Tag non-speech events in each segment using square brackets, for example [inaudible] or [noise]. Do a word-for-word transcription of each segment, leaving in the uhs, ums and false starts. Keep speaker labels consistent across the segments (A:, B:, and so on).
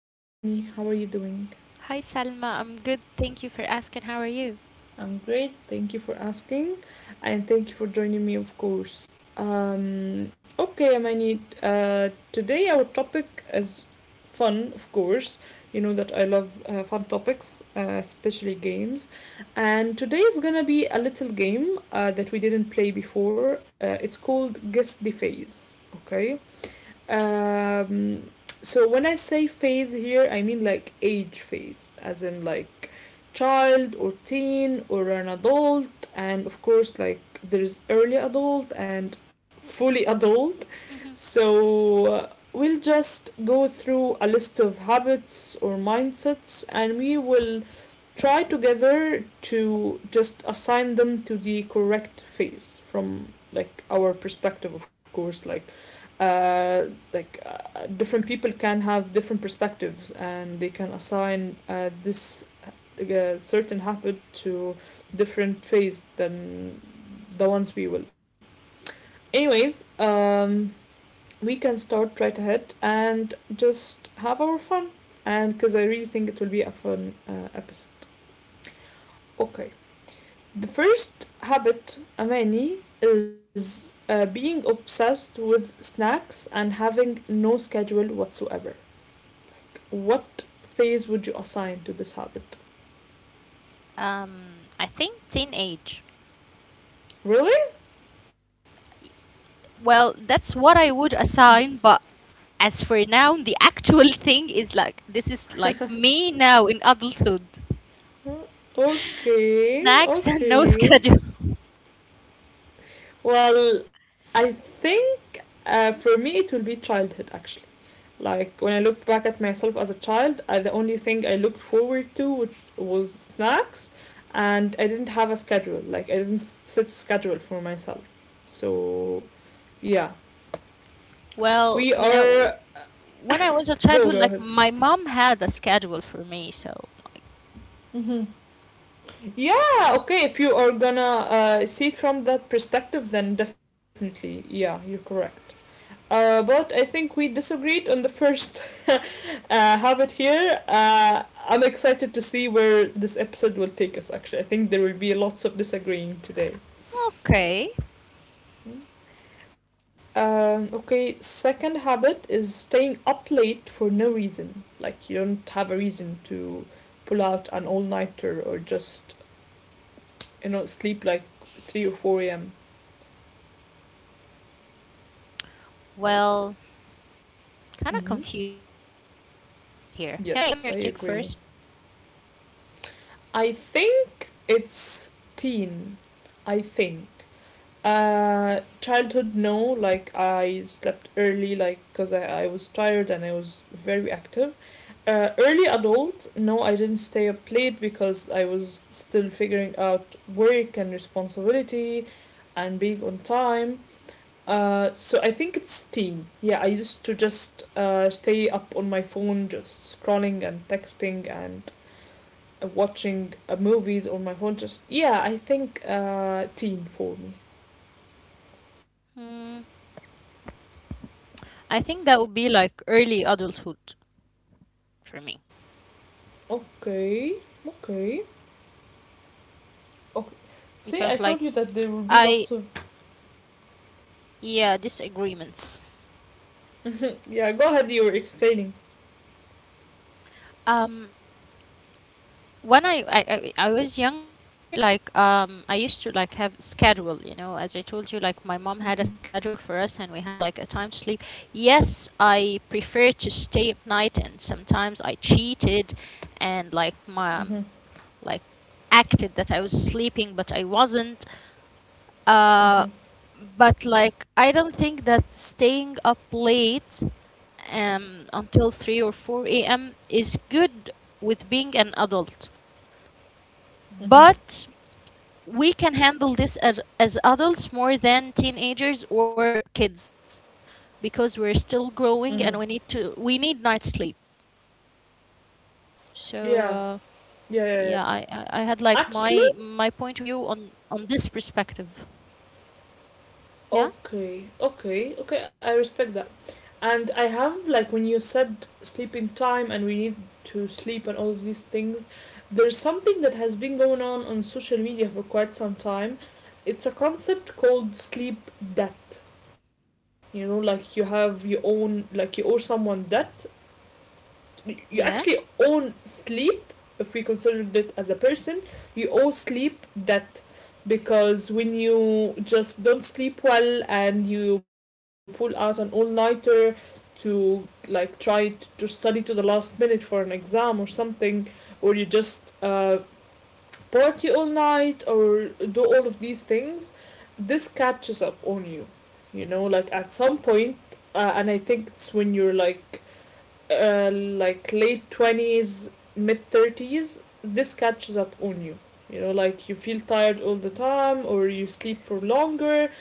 A: Hi, Amani, how are you doing?
B: Hi Salma, I'm good. Thank you for asking. How are you?
A: I'm great. Thank you for asking, and thank you for joining me, of course. Um, okay, Amani, uh, today our topic is fun, of course. You know that I love uh, fun topics, uh, especially games. And today is gonna be a little game uh, that we didn't play before. Uh, it's called Guess the Phase. Okay. Um, so when I say phase here, I mean like age phase, as in like child or teen or an adult, and of course, like there's early adult and fully [laughs] adult.
B: Hmm.
A: So uh, we'll just go through a list of habits or mindsets and we will try together to just assign them to the correct phase from like our perspective, of course. Like, uh, like uh, different people can have different perspectives, and they can assign uh, this uh, certain habit to different phase than the ones we will. Anyways, um, we can start right ahead and just have our fun and because I really think it will be a fun uh, episode. Okay, the first habit, Amani, is uh, being obsessed with snacks and having no schedule whatsoever. Like, what phase would you assign to this habit?
B: Um, I think teenage.
A: Really?
B: Well, that's what I would assign, but as for now, the [laughs] actual thing is like this is like me now in adulthood.
A: Okay,
B: Snacks and no [laughs]
A: okay.
B: schedule.
A: Well, I think uh, for me it will be childhood actually. Like when I looked back at myself as a child, I, the only thing I looked forward to which was snacks, and I didn't have a schedule. Like I didn't s- set a schedule for myself. So yeah,
B: Well,
A: we
B: you know,
A: are
B: when I was a
A: go
B: childhood,
A: go
B: like
A: ahead.
B: my mom had a schedule for me, so
A: Mm-hmm. Yeah, okay. If you are gonna uh, see it from that perspective, then definitely, yeah, you're correct. Uh, but I think we disagreed on the first [laughs] uh, habit here. Uh, I'm excited to see where this episode will take us, actually. I think there will be lots of disagreeing today.
B: okay.
A: Um, okay, second habit is staying up late for no reason. Like, you don't have a reason to pull out an all nighter or just, you know, sleep like three or four a m.
B: Well, kind of
A: Mm-hmm.
B: confused here. Can I can I hear your take
A: Yes, I
B: first?
A: agree. I think it's teen. I think. Uh, childhood, no. Like I slept early, like because I, I was tired and I was very active. Uh, early adult, no. I didn't stay up late because I was still figuring out work and responsibility, and being on time. Uh, so I think it's teen. Yeah, I used to just uh, stay up on my phone, just scrolling and texting and uh, watching uh, movies on my phone. Just yeah, I think uh, teen for me.
B: Hmm. I think that would be like early adulthood for me
A: Okay, okay. Okay. See,
B: because
A: I
B: like
A: told you that there will be
B: I
A: lots of.
B: yeah, disagreements.
A: Yeah, go ahead, you were explaining.
B: Um, when I I, I I was younger, like um I used to like have schedule. You know, as I told you, like my mom had a
A: Mm-hmm.
B: schedule for us, and we had like a time to sleep. Yes, I prefer to stay at night, and sometimes I cheated, and like my
A: Mm-hmm.
B: like acted that I was sleeping, but I wasn't. Uh,
A: Mm-hmm.
B: but like I don't think that staying up late um until three or four a m is good with being an adult.
A: Mm-hmm.
B: But we can handle this as as adults more than teenagers or kids because we're still
A: Mm-hmm.
B: growing and we need to we need night sleep.
A: Yeah,
B: So uh,
A: yeah, yeah, yeah.
B: yeah, I, I I had like
A: Actually.
B: my my point of view on on this perspective. Yeah.
A: Okay, okay, okay, I respect that. And I have, like, when you said sleeping time and we need to sleep and all of these things, there's something that has been going on on social media for quite some time. It's a concept called sleep debt. You know, like you have your own, like you owe someone debt, you
B: Yeah.
A: actually own sleep if we considered it as a person, you owe sleep that because when you just don't sleep well and you pull out an all-nighter to like try to study to the last minute for an exam or something or you just uh, party all night or do all of these things, this catches up on you, you know, like at some point, uh, and I think it's when you're like uh, like late twenties, mid thirties, this catches up on you. You know, like you feel tired all the time or you sleep for longer.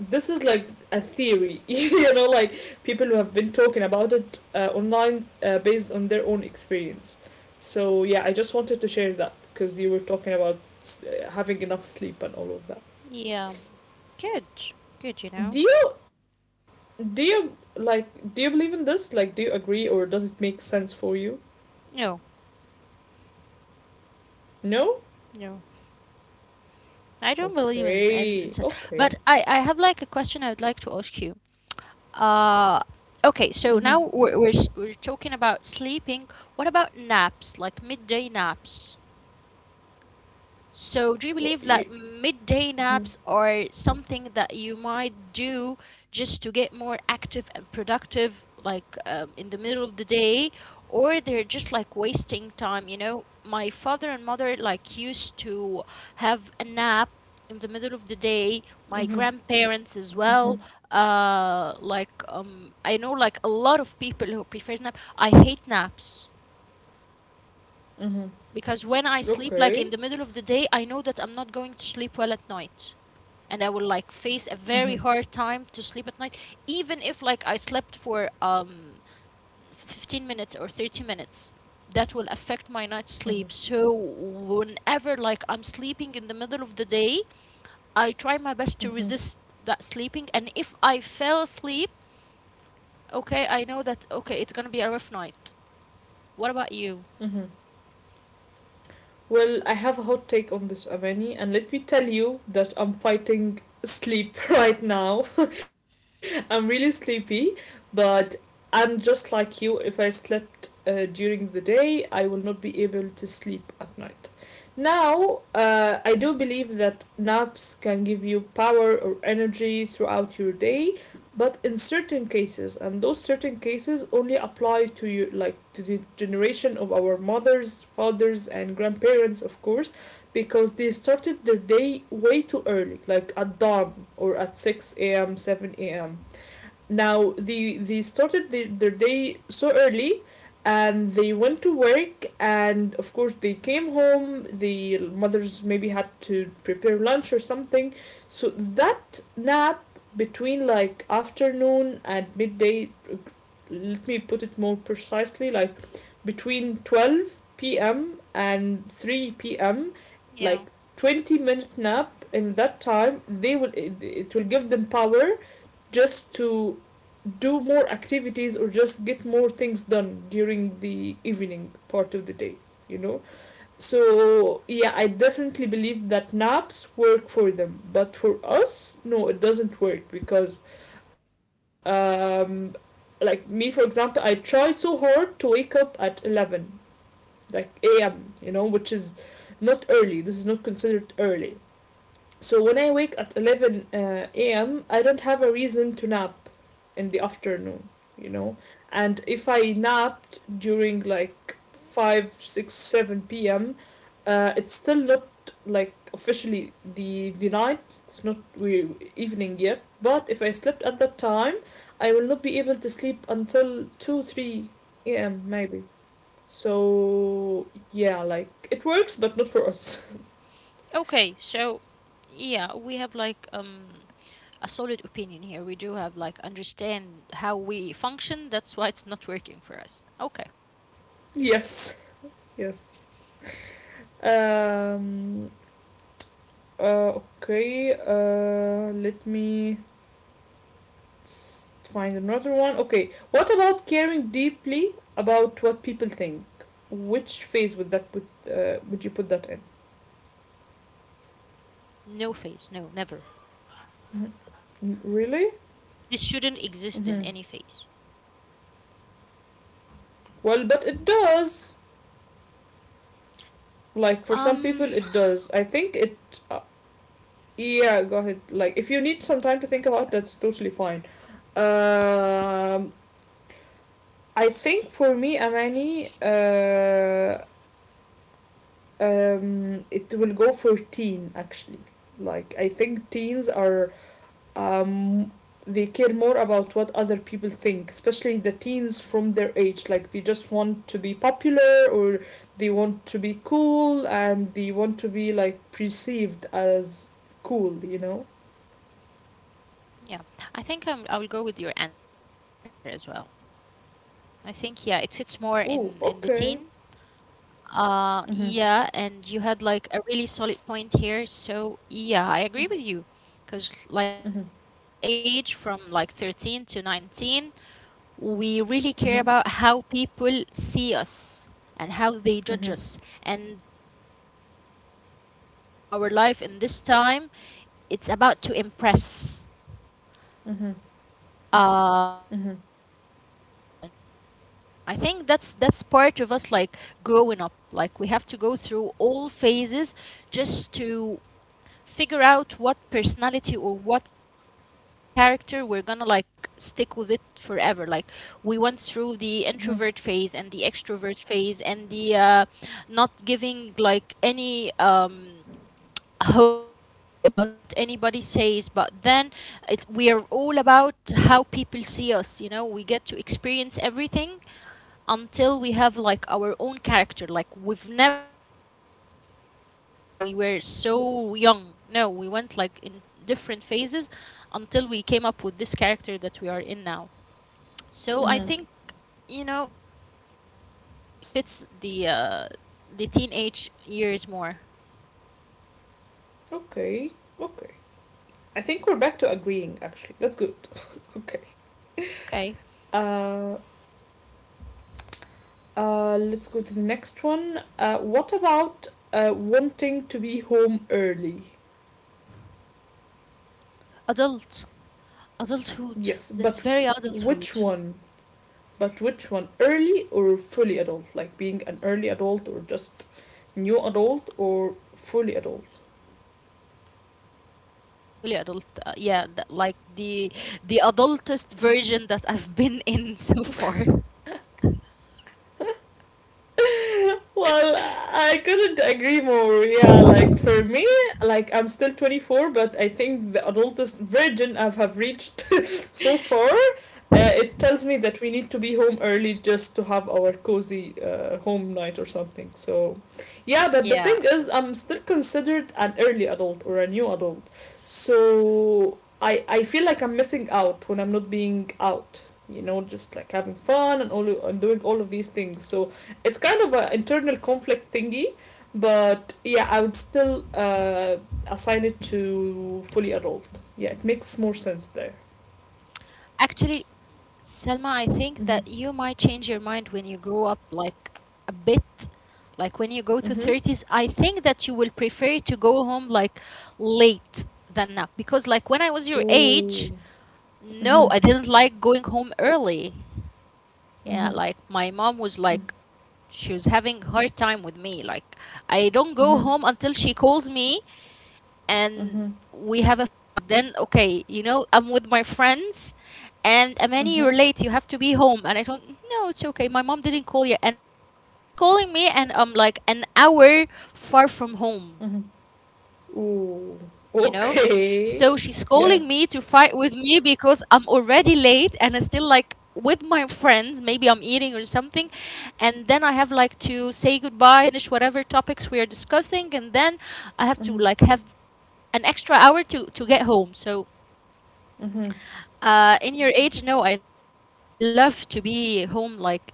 A: This is like a theory, [laughs] you know, like people who have been talking about it uh, online uh, based on their own experience. So, yeah, I just wanted to share that because you were talking about uh, having enough sleep and all of that.
B: Yeah. Good. Good, you
A: Do
B: know.
A: you, do you, like, do you believe in this? Like, do you agree or does it make sense for you?
B: No.
A: No?
B: No, I don't believe in, in, in
A: Okay,
B: such.
A: okay.
B: But I, I have like a question I would like to ask you. Uh,
A: Mm-hmm.
B: okay, so now we're, we're, s- we're talking about sleeping. What about naps, like midday naps? So, do you
A: Well,
B: believe
A: you,
B: like midday
A: Mm-hmm.
B: naps are something that you might do just to get more active and productive, like um, in the middle of the day, or they're just like wasting time? You know, my father and mother like used to have a nap in the middle of the day. My
A: Mm-hmm.
B: grandparents as
A: Mm-hmm.
B: well. Uh, like um, I know like a lot of people who prefers nap. I hate naps
A: Mm-hmm.
B: because when I sleep, like
A: Okay.
B: in the middle of the day, I know that I'm not going to sleep well at night. And I will like face a
A: Mm-hmm.
B: very hard time to sleep at night, even if like I slept for um fifteen minutes or thirty minutes. That will affect my night sleep.
A: Mm-hmm.
B: So whenever like I'm sleeping in the middle of the day, I try my best to
A: Mm-hmm.
B: resist that sleeping. And if I fell asleep, okay, I know that okay, it's gonna be a rough night. What about you?
A: Mm-hmm. Well, I have a hot take on this, Amani, and let me tell you that I'm fighting sleep [laughs] right now. [laughs] I'm really sleepy, but I'm just like you. If I slept uh, during the day, I will not be able to sleep at night. Now, uh, I do believe that naps can give you power or energy throughout your day, but in certain cases, and those certain cases only apply to you, like to the generation of our mothers, fathers, and grandparents, of course, because they started their day way too early, like at dawn or at six a m, seven a m. Now they they started their, their day so early, and they went to work, and of course they came home. The mothers maybe had to prepare lunch or something, so that nap between like afternoon and midday. Let me put it more precisely, like between twelve p m and three p m.
B: Yeah.
A: Like twenty minute nap in that time they will it, it will give them power just to do more activities or just get more things done during the evening part of the day you know so yeah, I definitely believe that naps work for them, but for us, no, it doesn't work because um like me for example, I try so hard to wake up at eleven, like am, you know, which is not early. This is not considered early. So when I wake at eleven uh, a m, I don't have a reason to nap in the afternoon, you know. And if I napped during like five, six, seven p m, uh, it's still not like officially the the night. It's not we evening yet. But if I slept at that time, I will not be able to sleep until two, three a m maybe. So yeah, like it works, but not for us.
B: Okay, so yeah, we have like um a solid opinion here. We do have like understand how we function. That's why it's not working for us. Okay.
A: [laughs] Yes, yes. Um, uh, okay, uh, let me find another one. Okay, what about caring deeply about what people think? Which phase would that put? Uh, would you put that in?
B: No phase. No, never.
A: Really?
B: This shouldn't exist in any
A: Mm-hmm.
B: phase.
A: Well, but it does. Like for
B: Um
A: some people, it does. I think it. Uh, yeah, go ahead. Like if you need some time to think about, it, that's totally fine. Um, I think for me, Amani, uh, um, it will go for teen actually. Like, I think teens are, um, they care more about what other people think, especially the teens from their age. Like they just want to be popular or they want to be cool and they want to be like perceived as cool. You know.
B: yeah, I think um, I will go with your answer as well. I think yeah, it fits more in in the
A: Oh,
B: teen.
A: okay.
B: Uh yeah,
A: Mhm.
B: and you had like a really solid point here. So yeah, I agree with you, because like in that
A: Mhm.
B: age from like thirteen to nineteen, we really care
A: Mhm.
B: about how people see us and how they judge
A: Mhm.
B: us, and lots of things that we do in our life in this time it's about to impress,
A: Mhm.
B: uh,
A: Mhm.
B: or just to grab attention. I think that's that's part of us, like growing up. Like we have to go through all phases just to figure out what personality or what character we're gonna like stick with it forever. Like we went through the introvert
A: Mhm.
B: phase and the extrovert phase and the uh, not giving like any um hope or anything about anybody says. But then it, we are all about how people see us. You know we get to experience everything until we have like our own character. Like we've never been like introverts when we were so young. No, we went like in different phases until we came up with this character that we are in now.
A: Mhm.
B: So I think, you know, yes, it fit it fits the uh, the teenage years more.
A: Okay. Okay. I think we're back to agreeing. Actually, that's good. [laughs] Okay.
B: Okay,
A: Uh, uh, let's go to the next one. Uh, what about uh, wanting to be home early?
B: adult,
A: Yes,
B: adulthood.
A: but
B: That's very
A: which
B: adulthood.
A: one? But which one? Early or fully adult? Like being an early adult or just new adult or fully adult?
B: The fully adult the fully adult uh, Yeah, the, like, the the adultest version that I've been in [laughs] so far.
A: [laughs] Well, I couldn't agree more. Yeah, like for me, like I'm still twenty-four, but I think the adultest virgin I have reached [laughs] so far, uh, it tells me that we need to be home early just to have our cozy uh, home night or something. So, yeah, but the thing
B: Yeah,
A: is, I'm still considered an early adult or a new adult. So, I I feel like I'm missing out when I'm not being out. You know, just like having fun and all and doing all of these things. So, it's kind of an internal conflict thingy but yeah I would still uh, assign it to fully adult. Yeah, it makes more sense there.
B: actually, selma I think that you might change your
A: Mm-hmm.
B: mind when you grow up like a bit. Like when you go to thirties, I
A: Mm-hmm.
B: think that you will prefer to go home like late than now, because like when I was your age,
A: Ooh.
B: no, I didn't
A: Mm-hmm.
B: like going home early. Yeah, like
A: Mm-hmm.
B: my mom was like, she was having hard time with me, like I don't go
A: Mm-hmm.
B: home until she calls me, and
A: Mm-hmm.
B: we have a fight, then okay, you know I'm with my friends, and Amani,
A: Mm-hmm.
B: you're late, you have to be home, and I don't. No, it's okay, my mom didn't call yet, and my mom's calling me, and I'm like an hour far from home,
A: Mm-hmm.
B: you know?
A: Ooh.
B: So she's calling me
A: Okay.
B: to fight
A: [laughs]
B: with
A: Yeah.
B: me because I'm already late and I'm still like with my friends. Maybe I'm eating or something. And then I have like to say goodbyes and finish whatever topics we are discussing. And then I have to like
A: Mm-hmm.
B: have an extra hour to, to get home. So
A: Mm-hmm.
B: uh, in your age, no, I, l- I love to be home like at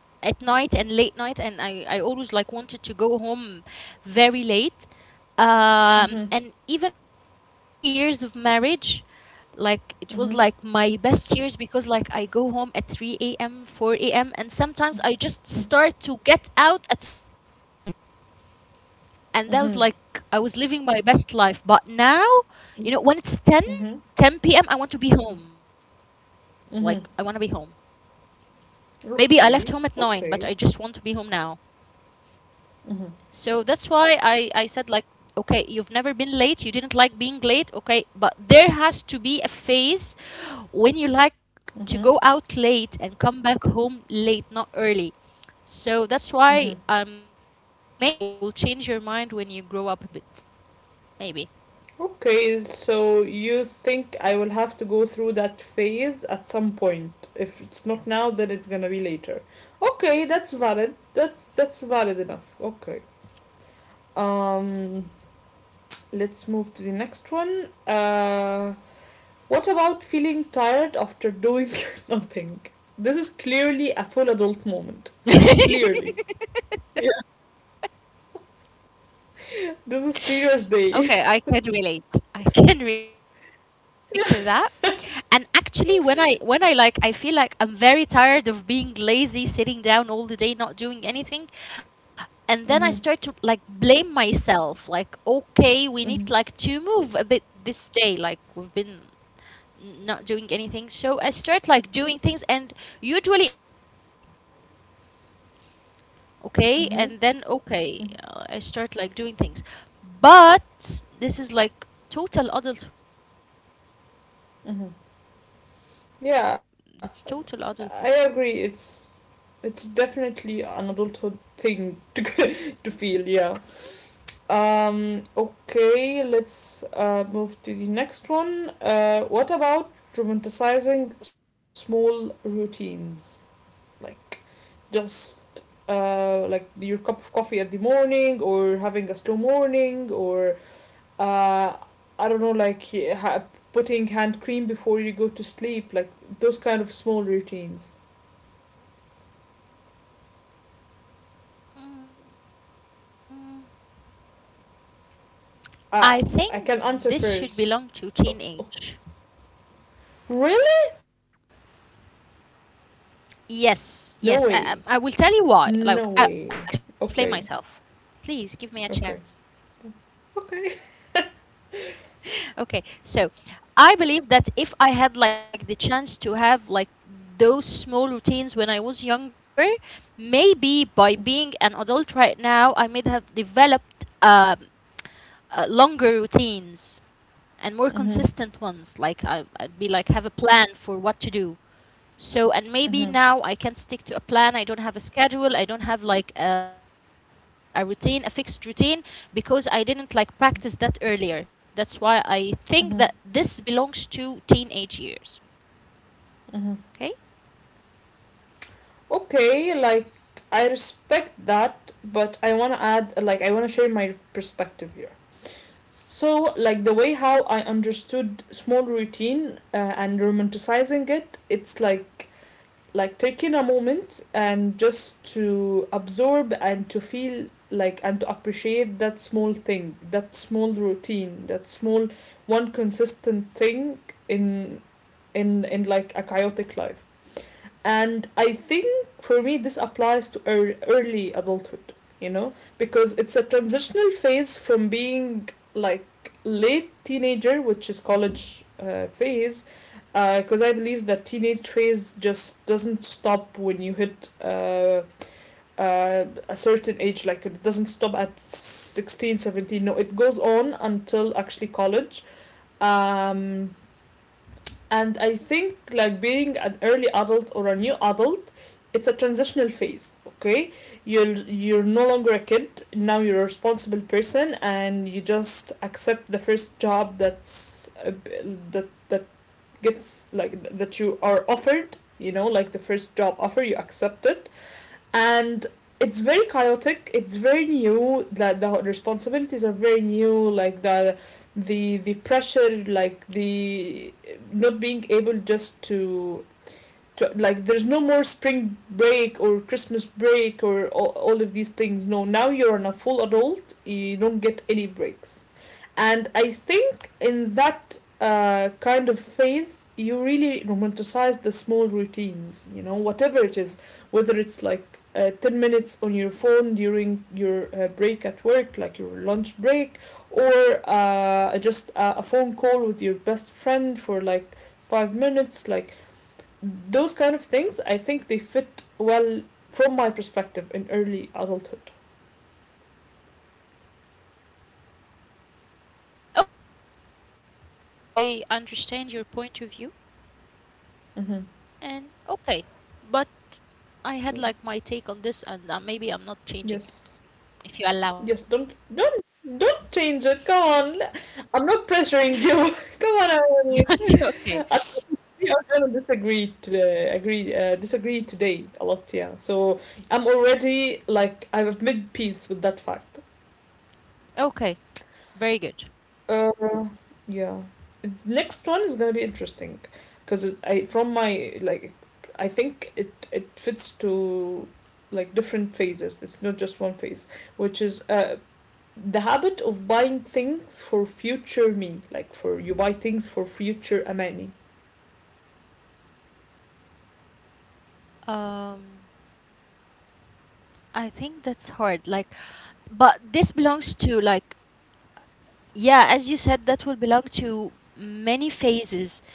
B: at night and late night, and I, I always like wanted to go home very late.
A: Mm-hmm.
B: Um, and even my early years of marriage, like it was
A: Mm-hmm.
B: like my best years because like I go home at three a m, four a m, and sometimes I just
A: Mm-hmm.
B: start to get out at three a.m, and that was
A: Mm-hmm.
B: like I was living my best life. But now, you know, when it's ten, ten 10 p.m., I want to be home. Like, I want to be home.
A: Mm-hmm.
B: Maybe I left home at nine, but I
A: Okay.
B: just want to be home
A: Okay.
B: now. So
A: Mm-hmm.
B: that's why I, I said, like, okay, you've never been late. You didn't like being late. Okay, but there has to be a phase when you like to
A: Mm-hmm.
B: go out late and come back home late, not early. So that's
A: Mm-hmm.
B: why I'm telling you, maybe you'll change your mind when you grow up a bit. Maybe.
A: Okay, so you think I will have to go through that phase at some point. If it's not now, then it's gonna be later. Okay, that's valid. That's that's valid enough. Okay. Um, let's move to the next one. Uh, what about feeling tired after doing [laughs] nothing? This is clearly a full adult moment.
B: [laughs]
A: Clearly. Yeah. This is clear as day.
B: Okay, I can relate. I can relate to that. And actually, when I when I like I feel like I'm very tired of being lazy, sitting down all the day not doing anything, and then I start to
A: [laughs]
B: like
A: Mm-hmm.
B: blame myself like okay, we need like to
A: Mm-hmm.
B: move a bit this day, like we've been n- not doing anything. So I start like doing things, and usually it's like one a m, okay,
A: Mm-hmm.
B: and then okay, uh, I start like doing things. But this is like total adulthood.
A: Mm-hmm. Yeah,
B: That's total
A: I agree.
B: adulthood.
A: It's it's definitely an adulthood thing to [laughs] to feel. Yeah. Um. Okay. Let's uh, move to the next one. Uh. What about romanticizing small routines, like just uh like your cup of coffee at the morning or having a slow morning or uh I don't know, like ha- putting hand cream before you go to sleep, like those kind of small routines.
B: mm, I think this should
A: Ah,
B: belong to
A: I can answer
B: teenage.
A: first. Oh. Really?
B: Yes, yes, i,
A: No
B: I I will
A: way.
B: tell you why. Like I, I,
A: No
B: i'm gonna
A: way.
B: explain myself.
A: Okay,
B: Please give me a chance.
A: okay, okay.
B: Okay, so I believe that if I had like the chance to have like those small routines when I was younger, maybe by being an adult right now, I may have developed um, uh, longer routines and more consistent ones. Like I,
A: Mm-hmm,
B: I'd be like have a plan for what to do. So, and maybe now I can't stick to a
A: mm-hmm,
B: plan. I don't have a schedule. I don't have like a, a routine, a fixed routine, because I didn't like practice that earlier. That's why I think that this belongs to teenage
A: mm-hmm,
B: years. Okay?
A: mm-hmm. Okay, like, I respect that, but I want to add, like, I want to share my perspective here. So, like, the way how I understood small routine uh, and romanticizing it, it's like like taking a moment and just to absorb and to feel like and to appreciate that small thing, that small routine, that small one consistent thing in in in like a chaotic life. And I think for me, this applies to ear- early adulthood, you know, because it's a transitional phase from being like late teenager, which is college uh, phase, because uh, I believe that teenage phase just doesn't stop when you hit uh, uh, a certain age, like it doesn't stop at sixteen, seventeen. No, it goes on until actually college. Um, and I think like being an early adult or a new adult, it's a transitional phase. Okay, you're you're no longer a kid, now you're a responsible person, and you just accept the first job that's uh, that that gets like that you are offered, you know, like the first job offer, you accept it. And it's very chaotic, it's very new, that the responsibilities are very new, like the the the pressure, like the not being able just to to, like there's no more spring break or Christmas break or all, all of these things. No, now you're a full adult, you don't get any breaks. And I think in that uh, kind of phase you really romanticize the small routines, you know, whatever it is, whether it's like uh, ten minutes on your phone during your uh, break at work, like your lunch break, or uh, just a, a phone call with your best friend for like five minutes. Like those kind of things, I think they fit well from my perspective in early adulthood.
B: Okay. Okay. I understand your point of view.
A: Mm-hmm.
B: And okay. But I had
A: Yeah.
B: like my take on this, and uh, maybe I'm not changing it.
A: Yes,
B: If you allow me,
A: yes, don't
B: please.
A: don't don't change it, come on. I'm not pressuring you, [laughs] come on, Emily.
B: [laughs] Okay.
A: I think I'm gonna disagree today, agree uh, disagree today a lot, yeah. So I'm already like, I have made peace with that fact.
B: Okay. Very good.
A: Uh, yeah. Next one is gonna be interesting, because I from my like, I think it it fits to like different phases. It's not just one phase, which is uh the habit of buying things for future me, like for you buy things for future Amani.
B: Um, I think that's hard. Like, but this belongs to like, yeah, as you said, that will belong to many phases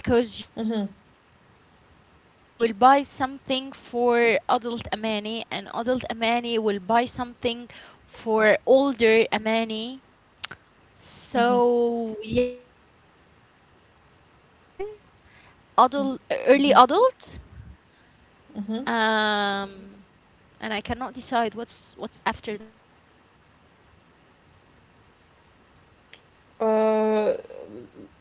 B: because
A: Mm-hmm.
B: you in teen you will buy something for adult Amani, and adult Amani will buy something for older Amani.
A: Mm-hmm.
B: So yeah, as you said, I will go with teen, adult, early
A: Mm-hmm.
B: adult.
A: Mm-hmm.
B: Um, and I cannot decide what's what's after than this.
A: Uh,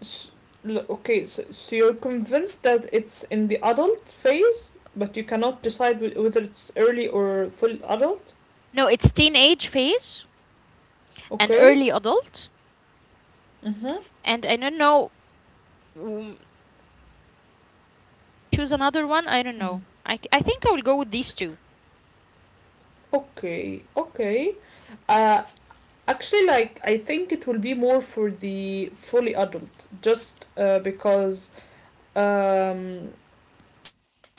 A: S- l- okay, so, so you're convinced that it's in the adult phase, but you cannot decide wh- whether it's early or full adult?
B: No, it's teenage phase and
A: Okay.
B: early adult,
A: Mm-hmm.
B: and I don't know, mm, like, should I choose another one? I don't
A: Mm.
B: know. I, c- I think I will go with these two.
A: Okay, okay. Uh, actually, like, I think it will be more for the fully adult, just uh, because um,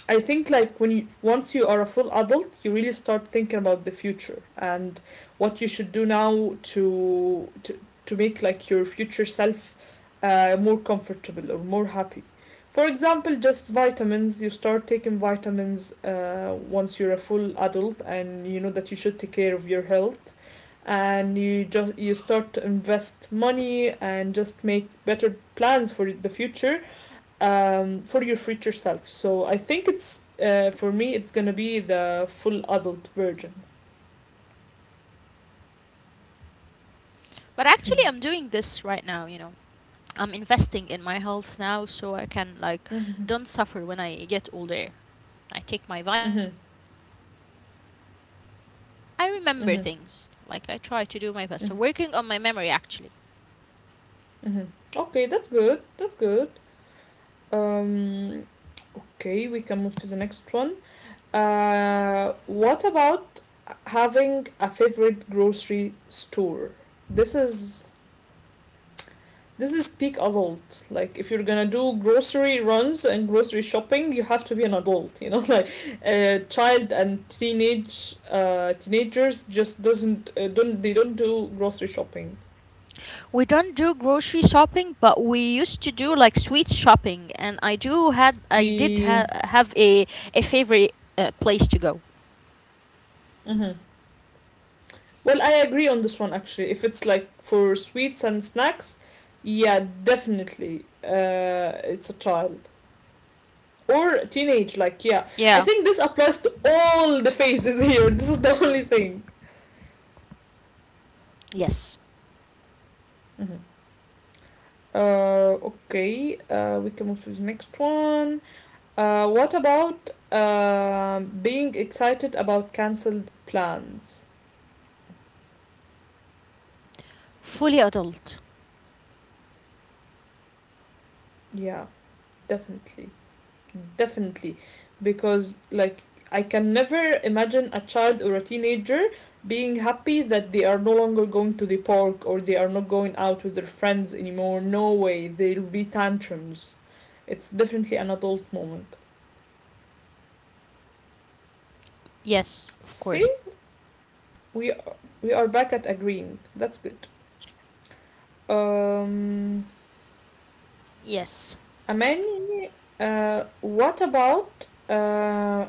A: I think like when you once you are a full adult, you really start thinking about the future and what you should do now to to to make like your future self uh, more comfortable or more happy. For example, just vitamins. You start taking vitamins uh, once you're a full adult and you know that you should take care of your health, and you just you start to invest money and just make better plans for the future, um, for your future self. So I think it's uh, for me it's gonna be the full adult version.
B: Okay. But actually, I'm
A: Mm-hmm.
B: doing this right now, you know. I'm investing in my health now so I can, like,
A: Mm-hmm.
B: don't suffer when I get older. I take my
A: Mm-hmm.
B: vitamins and, you know, I remember
A: Mm-hmm.
B: things. Like, I try to do my best. So, working on my memory, actually.
A: Mm-hmm. Okay, that's good. That's good. Um, okay, we can move to the next one. Uh, what about having a favorite grocery store? This is This is peak adult. Like if you're gonna do grocery runs and grocery shopping, you have to be an adult. You know, [laughs] like a uh, child and teenage uh, teenagers just doesn't uh, don't they don't do grocery shopping.
B: We don't do grocery shopping, but we used to do, like, sweets shopping. And I do had, I did
A: Yeah.
B: ha- have a, a favorite uh, place to go.
A: Hmm. Well, I agree on this one actually. If it's like for sweets and snacks, yeah, definitely. Uh, it's a child or a teenage. Like
B: Yeah.
A: yeah, I think this applies to all the phases [laughs] here. This is the only thing.
B: Yes.
A: Mhm. Uh, okay, uh, we can move to the next one. Uh, what about uh, being excited about cancelled plans?
B: Fully adult.
A: Yeah, definitely. Definitely. Because, like, I can never imagine a child or a teenager being happy that they are no longer going to the park or they are not going out with their friends anymore. No way. There'll be tantrums. It's definitely an adult moment.
B: Yes, of course.
A: See, we are, we are back at agreeing. That's good.
B: Yes.
A: Um, Aman, uh, what about uh,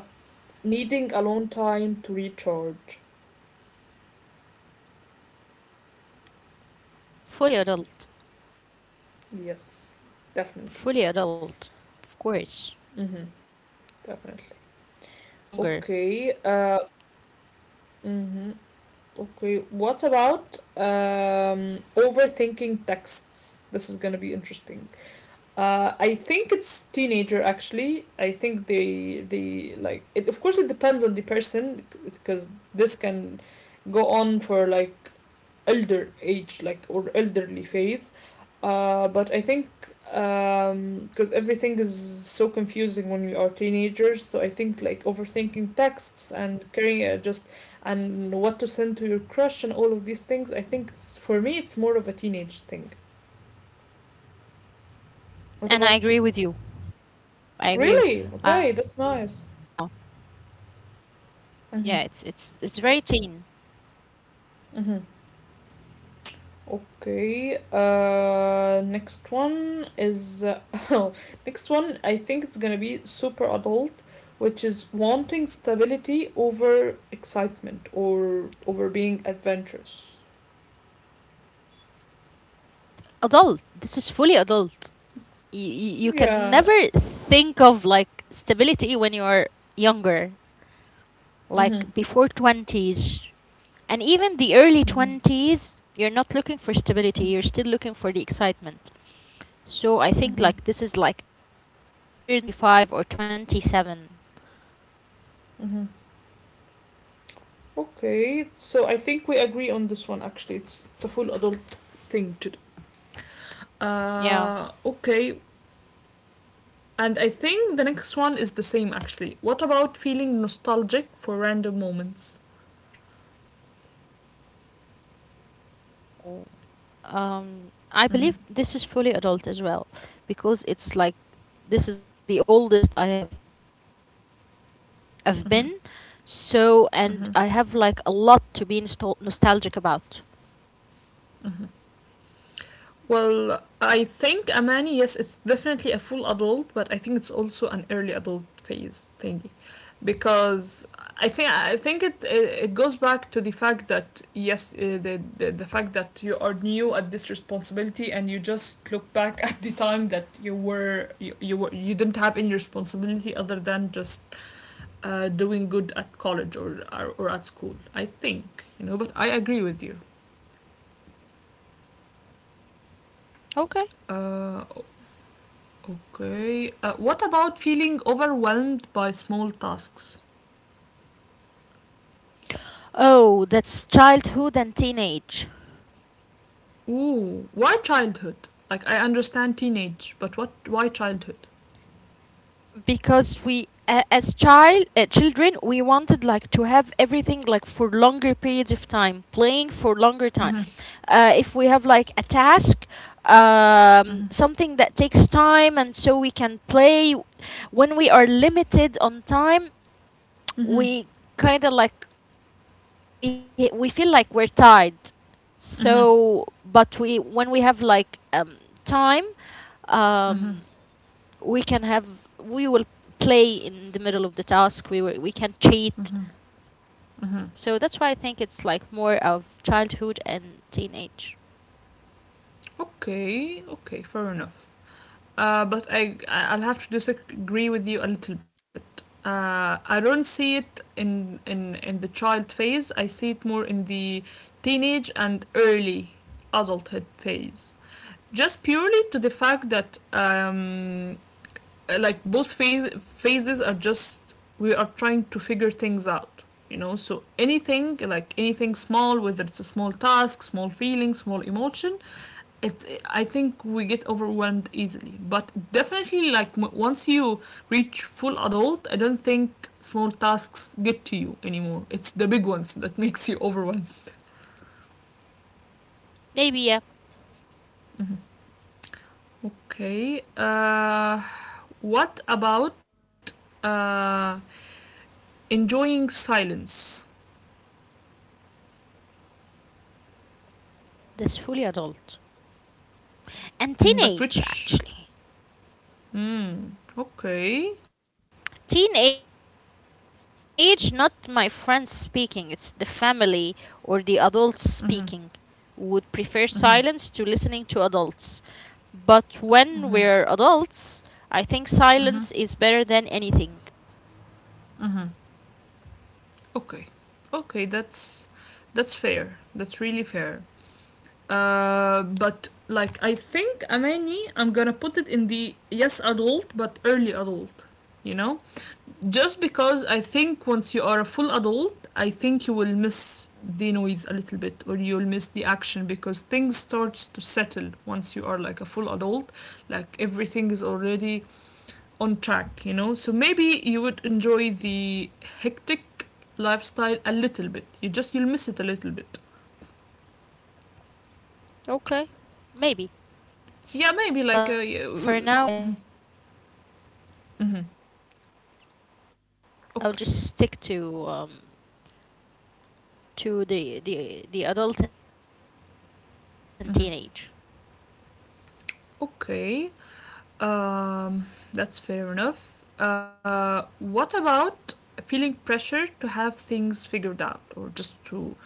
A: needing alone time to recharge?
B: Fully adult. Fully adult.
A: Yes,
B: Of course.
A: definitely. Mm-hmm,
B: I didn't know that I
A: definitely.
B: needed that when I was younger.
A: Okay. Uh, mm-hmm, okay. What about um, overthinking texts? This is gonna be interesting. Uh, I think it's teenager actually. I think they they like it. Of course, it depends on the person, because this can go on for like elder age, like, or elderly phase. Uh, but I think um, because everything is so confusing when we are teenagers, so I think like overthinking texts and carrying uh, just and what to send to your crush and all of these things, I think it's, for me it's more of a teenage thing.
B: And I agree with you.
A: What about you?
B: I agree. I do agree with
A: Really?
B: you on this
A: Okay,
B: take.
A: that's nice.
B: Yeah. Yeah,
A: Mm-hmm.
B: it's it's it's very teen.
A: Mm-hmm. Okay. Uh, next one is oh, [laughs] next one. I think it's gonna be super adult, which is wanting stability over excitement or over being adventurous.
B: Adult. This is fully adult. You, you, you can
A: Yeah.
B: never think of like stability when you are younger,
A: Mhm.
B: like before twenties. And even the early
A: Mhm.
B: twenties, you're not looking for
A: Mm,
B: stability, you're still looking for the excitement. So
A: Mhm.
B: I think like this is like after the twenty-five or twenty-seven.
A: Mhm. Okay. So I think we agree on this one. Actually, it's it's a full adult thing to do.
B: Yeah.
A: Uh. Okay. And I think the next one is the same. Actually, what about feeling nostalgic for random moments?
B: Oh. Um I believe
A: Mm-hmm,
B: this is fully adult as well because it's like this is like the oldest I have I've been. So
A: mm-hmm,
B: and I have like a lot
A: mm-hmm,
B: to be nostal nostalgic about.
A: mm-hmm. Well, I think Amani, yes, it's definitely a full adult, but I think it's also an early adult phase thingy, because I think I think it it goes back to the fact that yes, uh, the, the the fact that you are new at this responsibility, and you just look back at the time that you were you you, were, you didn't have any responsibility other than just uh, doing good at college or, or or at school. I think you know, but I agree with you.
B: Okay.
A: Uh, Okay. Uh, what about feeling overwhelmed by small tasks?
B: Oh, that's childhood and teenage.
A: Ooh, why childhood? Like I understand teenage, but what? Why childhood?
B: Because we a as child uh, children, we wanted like to have everything like for longer periods of time, playing for longer time.
A: Mhm.
B: Uh, if we have like a task, um,
A: Mhm.
B: something that takes time and so we can play when we are limited on time, we
A: Mhm.
B: kind of like, we we feel like we're tied. So
A: Mhm.
B: but we, when we have like um, time, um,
A: Mhm.
B: we can have, we will play in the middle of the task. We will, we can
A: Mhm.
B: cheat.
A: Mhm.
B: So that's why I think it's like more of childhood and teenage.
A: Okay, okay, fair enough. Uh, but I, I- I'll have to disagree with you a little bit. Uh, I don't see it in, in in the child phase. I see it more in the teenage and early adulthood phase. Just purely to the fact that um, like both phase, phases are just we are trying to figure things out, you know, so anything like anything small, whether it's a small task, small feeling, small emotion, it I think we get overwhelmed easily. But definitely like once you reach full adult, I don't think small tasks get to you anymore. It's the big ones that [laughs] makes you overwhelmed.
B: Maybe, yeah.
A: Okay, uh, what about uh, enjoying silence?
B: That's fully adult and teenage, actually.
A: Mm, but which? Mm, okay.
B: Teenage, not my friends speaking, it's the family or the adults speaking. Would prefer silence
A: Mhm.
B: to listening to adults,
A: Mhm.
B: but when we're adults, I think
A: Mhm.
B: silence is better than anything.
A: Mhm. Mhm. Okay. Okay, that's that's fair. That's really fair. Uh, but like I think Amani, I'm gonna put it in the yes adult but early adult. You know, just because I think once you are a full adult, I think you will miss the noise a little bit, or you'll miss the action, because things starts to settle once you are like a full adult, like everything is already on track, you know, so maybe you would enjoy the hectic lifestyle a little bit, you just you'll miss it a little bit.
B: Okay, maybe. But
A: Yeah,
B: for
A: maybe
B: now,
A: like
B: I
A: a
B: think
A: yeah, uh, mm-hmm.
B: I'll just
A: Okay.
B: stick to um to the the the adult and teenage.
A: Mm-hmm. Okay. Um, that's fair enough. Uh, what about feeling pressure to have things figured out, or just to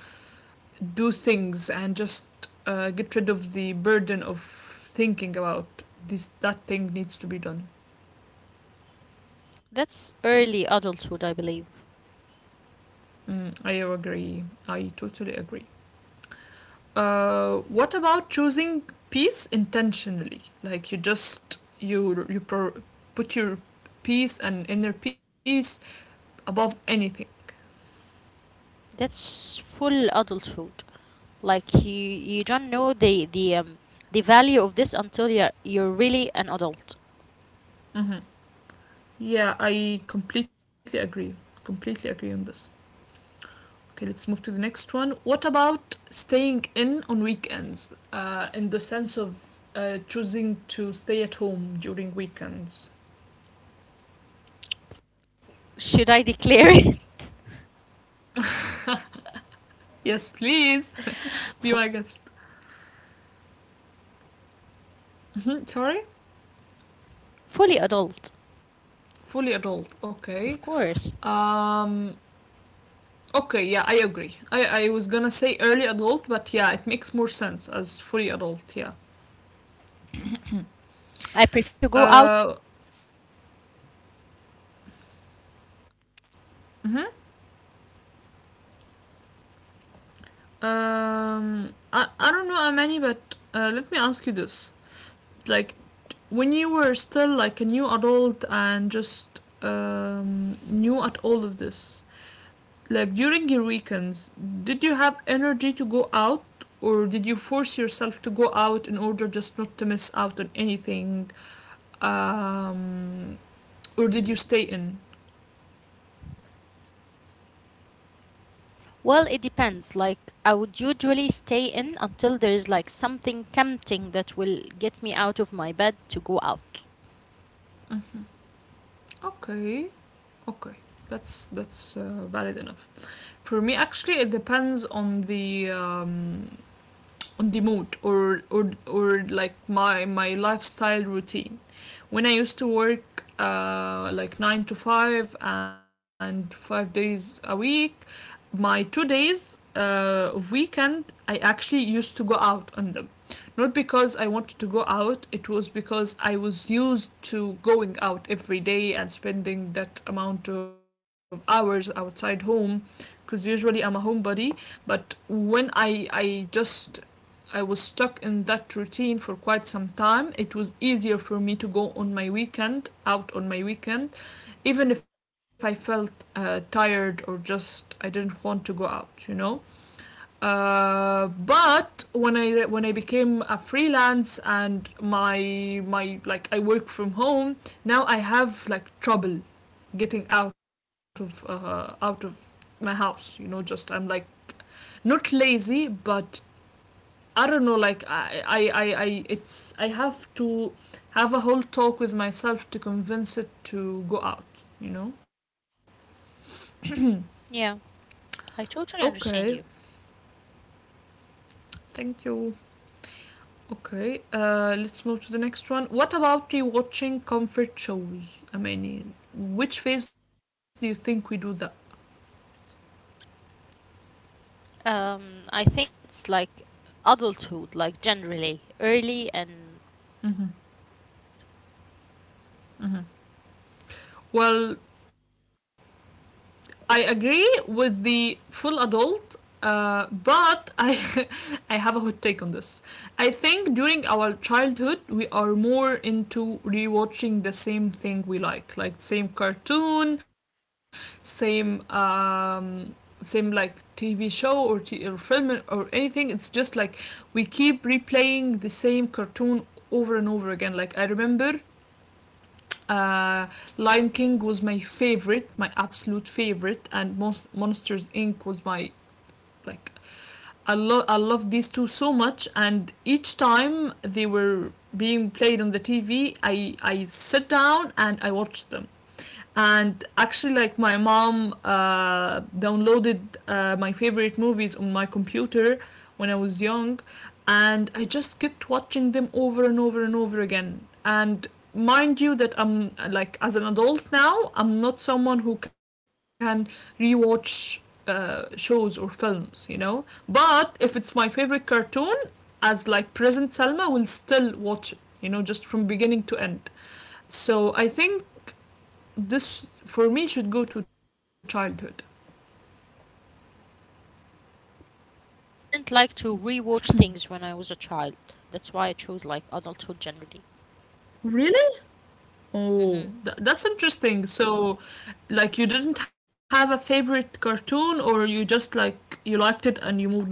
A: do things and just uh, get rid of the burden of thinking about this, that thing needs to be done?
B: That's early adulthood, I believe.
A: Mm, I agree. I totally agree. Uh, what about choosing peace intentionally? Like you just you you pro- put your peace and inner peace above anything.
B: That's full adulthood. Like you you don't know the the um the value of this until you're you're really an adult.
A: Mm-hmm. Yeah, I completely agree. Completely agree on this. Okay, let's move to the next one. What about staying in on weekends? Uh, in the sense of uh, choosing to stay at home during weekends.
B: Should I declare it?
A: Yes, please, be my
B: [laughs]
A: guest.
B: Fully adult, of course.
A: Mhm, sorry,
B: Fully adult,
A: fully adult. Okay.
B: of course.
A: Um. Okay. Yeah, I agree. I I was gonna say early adult, but yeah, it makes more sense as fully adult. Yeah.
B: I prefer to go out on
A: Uh.
B: weekdays, not weekends.
A: Mhm. Um, I, I don't know, Amani, but uh, let me ask you this. Like, when you were still like a new adult and just um, new at all of this, like during your weekends, did you have energy to go out, or did you force yourself to go out in order just not to miss out on anything? Um, or did you stay in?
B: Well, it depends. Like, I would usually stay in until there is like something tempting that will get me out of my bed to go out.
A: Okay, okay. That's that's uh, valid enough. For me, actually, it depends on the um, on the mood or or or like my my lifestyle routine. When I used to work uh, like nine to five and five days a week, my two days uh, weekend I actually used to go out on them. Not because I wanted to go out, it was because I was used to going out every day and spending that amount of hours outside home because usually I'm a homebody. But when I I just I was stuck in that routine for quite some time. It was easier for me to go on my weekend, out on my weekend, even if I felt uh, tired or just I didn't want to go out, you know. Uh, but
B: Hmm.
A: when I when I became a freelance and my my like I work from home now, I have like trouble getting out of uh, out of my house. You know, just I'm like not lazy, but I don't know, like I, I, I, I it's I have to have a whole talk with myself to convince it to go out, you know?
B: Yeah, I totally
A: Okay,
B: understand you.
A: thank you. Okay, uh, let's move to the next one. What about you watching comfort shows? I mean, which phase do you think we do that?
B: Um, I think it's like adulthood, like generally, early and
A: Mm-hmm.
B: late adulthood.
A: Well, I agree with the full adult, uh, but I [laughs] I have a hot take on this. I think during our childhood we are more into rewatching the same thing we like, like same cartoon, same um, same like T V show or, t- or film or anything. It's just like we keep replaying the same cartoon over and over again. Like I remember uh, Lion King was my favorite, my absolute favorite, and Mon- Monsters Inc was my like. I love I love these two so much, and each time they were being played on the T V, I I sat down and I watched them and actually like my mom uh, downloaded uh, my favorite movies on my computer when I was young, and I just kept watching them over and over and over again. And mind you that I'm uh, like as an adult now I'm not someone who can rewatch uh, shows or films, you know, but if it's my favorite cartoon, as like present Salma will still watch it, you know, just from beginning to end. So I think this for me should go to childhood.
B: Mm, okay. No, I didn't like to rewatch things when I was a child. That's why I chose like adulthood generally.
A: Really? Oh,
B: Hmm.
A: th- that's interesting. So, like, you didn't have a favorite cartoon, or you just like you liked it and you moved on.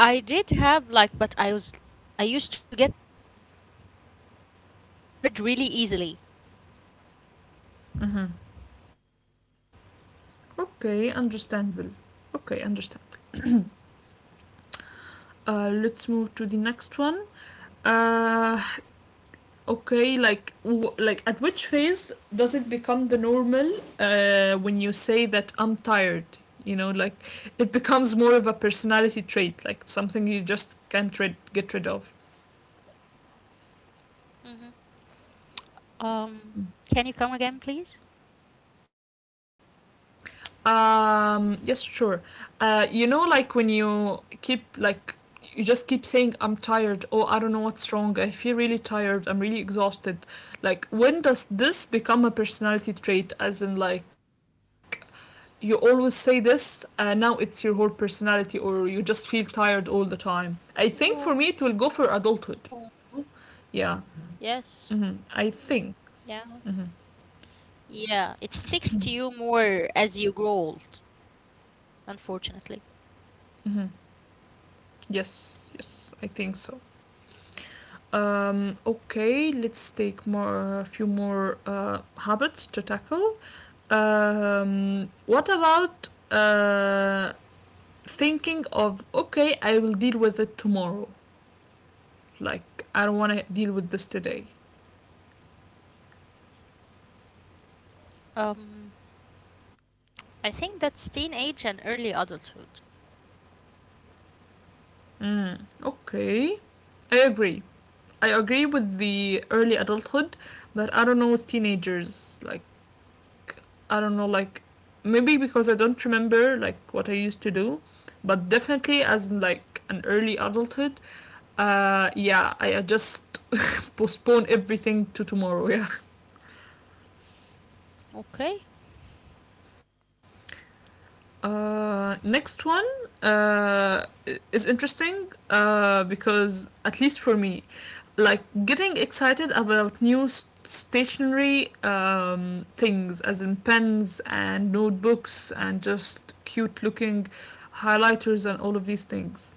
B: I did have like, but I was, I used to get bored really easily.
A: Mm-hmm. Okay, understandable. Okay, understand. Uh, let's move to the next one. Uh, Okay, like w- like at which phase does it become the normal uh, when you say that I'm tired? You know, like it becomes more of a personality trait, like something you just can't rid- get rid of.
B: Um, can you come again, please?
A: Um, yes, sure. Uh, you know, like when you keep like you just keep saying I'm tired. Oh, I don't know what's wrong. I feel really tired. I'm really exhausted. Like when does this become a personality trait? As in, like you always say this and now it's your whole personality, or you just feel tired all the time. I think for me it will go for
B: Oh,
A: adulthood. Yeah.
B: yes.
A: hmm I think,
B: Yeah.
A: hmm,
B: Yeah. It sticks to you more as you grow old, unfortunately.
A: hmm, yes, yes, I think so. um, okay, let's take more a few more uh, habits to tackle. um, what about uh, thinking of, okay, I will deal with it tomorrow, like I don't want to deal with this today.
B: Um, I think that's teenage and early adulthood.
A: Mm, okay. I agree. I agree with the early adulthood, but I don't know with teenagers. Like, I don't know, like, maybe because I don't remember, like, what I used to do, but definitely as, like, an early adulthood, uh, yeah, I uh, just postpone everything to tomorrow, [laughs] yeah.
B: Okay.
A: Uh, next one, uh, is interesting uh, because, at least for me, like getting excited about new s- stationary um, things, as in pens and notebooks and just cute looking highlighters and all of these things.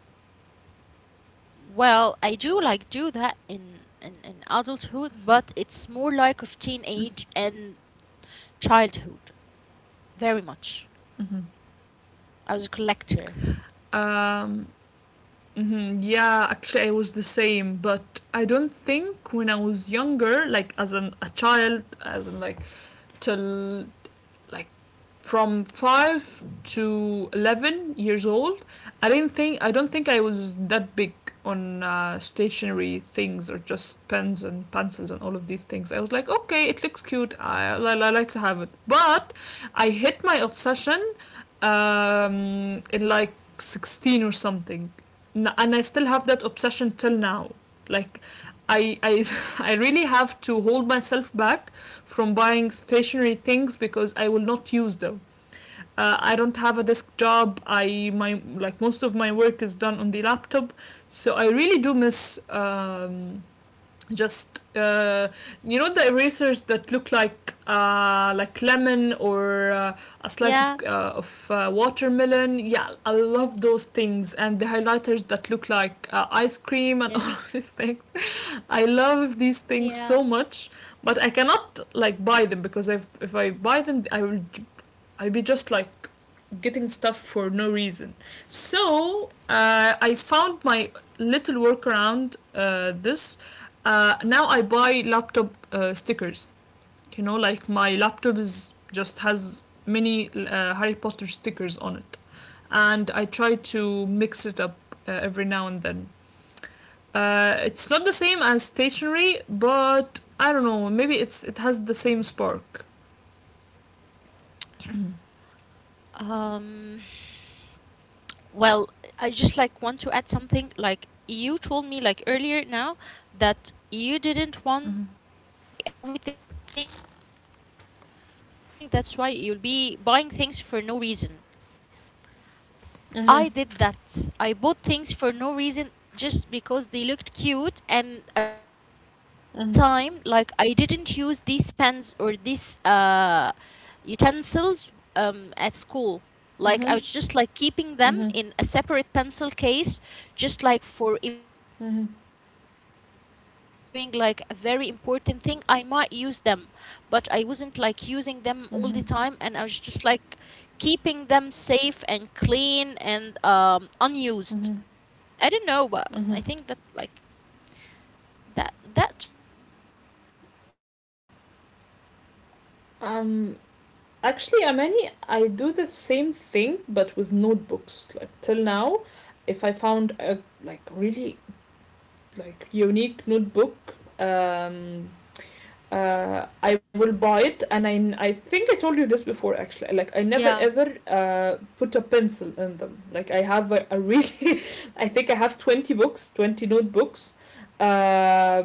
B: Um, well, I do like do that in in, in adulthood, but it's more like of teenage and childhood, very much.
A: Mhm.
B: I was a collector.
A: Um, mhm. Yeah, actually, I was the same, but I don't think when I was younger, like as an, a child, as in like till like from five to eleven years old, I didn't think I don't think I was that big on uh, stationary things or just pens and pencils and all of these things. I was like, okay, it looks cute. I, I, I like to have it, but I hit my obsession um, in like sixteen or something, and I still have that obsession till now. Like I, I [laughs] I really have to hold myself back from buying stationary things because I will not use them. uh, I don't have a desk job. I, my like most of my work is done on the laptop, so I really do miss um, just uh, you know, the erasers that look like uh, like lemon, or uh, a slice of
B: Yeah.
A: uh, of uh, watermelon. Yeah, I love those things and the highlighters that look
B: Yes.
A: like uh, ice cream and [laughs] all of these things. [laughs]
B: Yeah.
A: I love these things so much, but I cannot like buy them because if if I buy them, I will i I'll be just like getting stuff for no reason. So uh, I found my little workaround uh, this. Uh, now I buy laptop uh, stickers. You know, like my laptop is just has many uh, Harry Potter stickers on it, and I try to mix it up uh, every now and then. Uh, it's not the same as stationery, but I don't know. Maybe it's it has the same spark.
B: Um. Well, I just like want to add something. Like you told me like earlier now that you didn't want
A: Mm-hmm.
B: to buy everything. That's why you'll be buying things for no reason. I did that. I
A: Mm-hmm.
B: bought things for no reason just because they looked cute and I loved them. And most of the time, like I didn't use these pens or these uh, utensils um, at school.
A: Mm-hmm.
B: Like I was just like
A: Mm-hmm.
B: keeping them in a separate pencil case, just like for
A: Mm-hmm.
B: important events or when I'm doing like a very important thing, I might use them. But I wasn't like using them all the
A: Mm-hmm.
B: time, and I was just like keeping them safe and clean and um, unused.
A: Mm-hmm.
B: I don't know, but
A: Mm-hmm.
B: I think that's like that that shouldn't be normal, right?
A: Um, Actually, Amani, I do the same thing but with notebooks. Like till now, if I found a like really like unique notebook, um uh, I will buy it, and I, I think I told you this before actually. Like I never ever uh, put a pencil in them. Like I have a, a really, [laughs] I think I have twenty books, twenty notebooks, uh,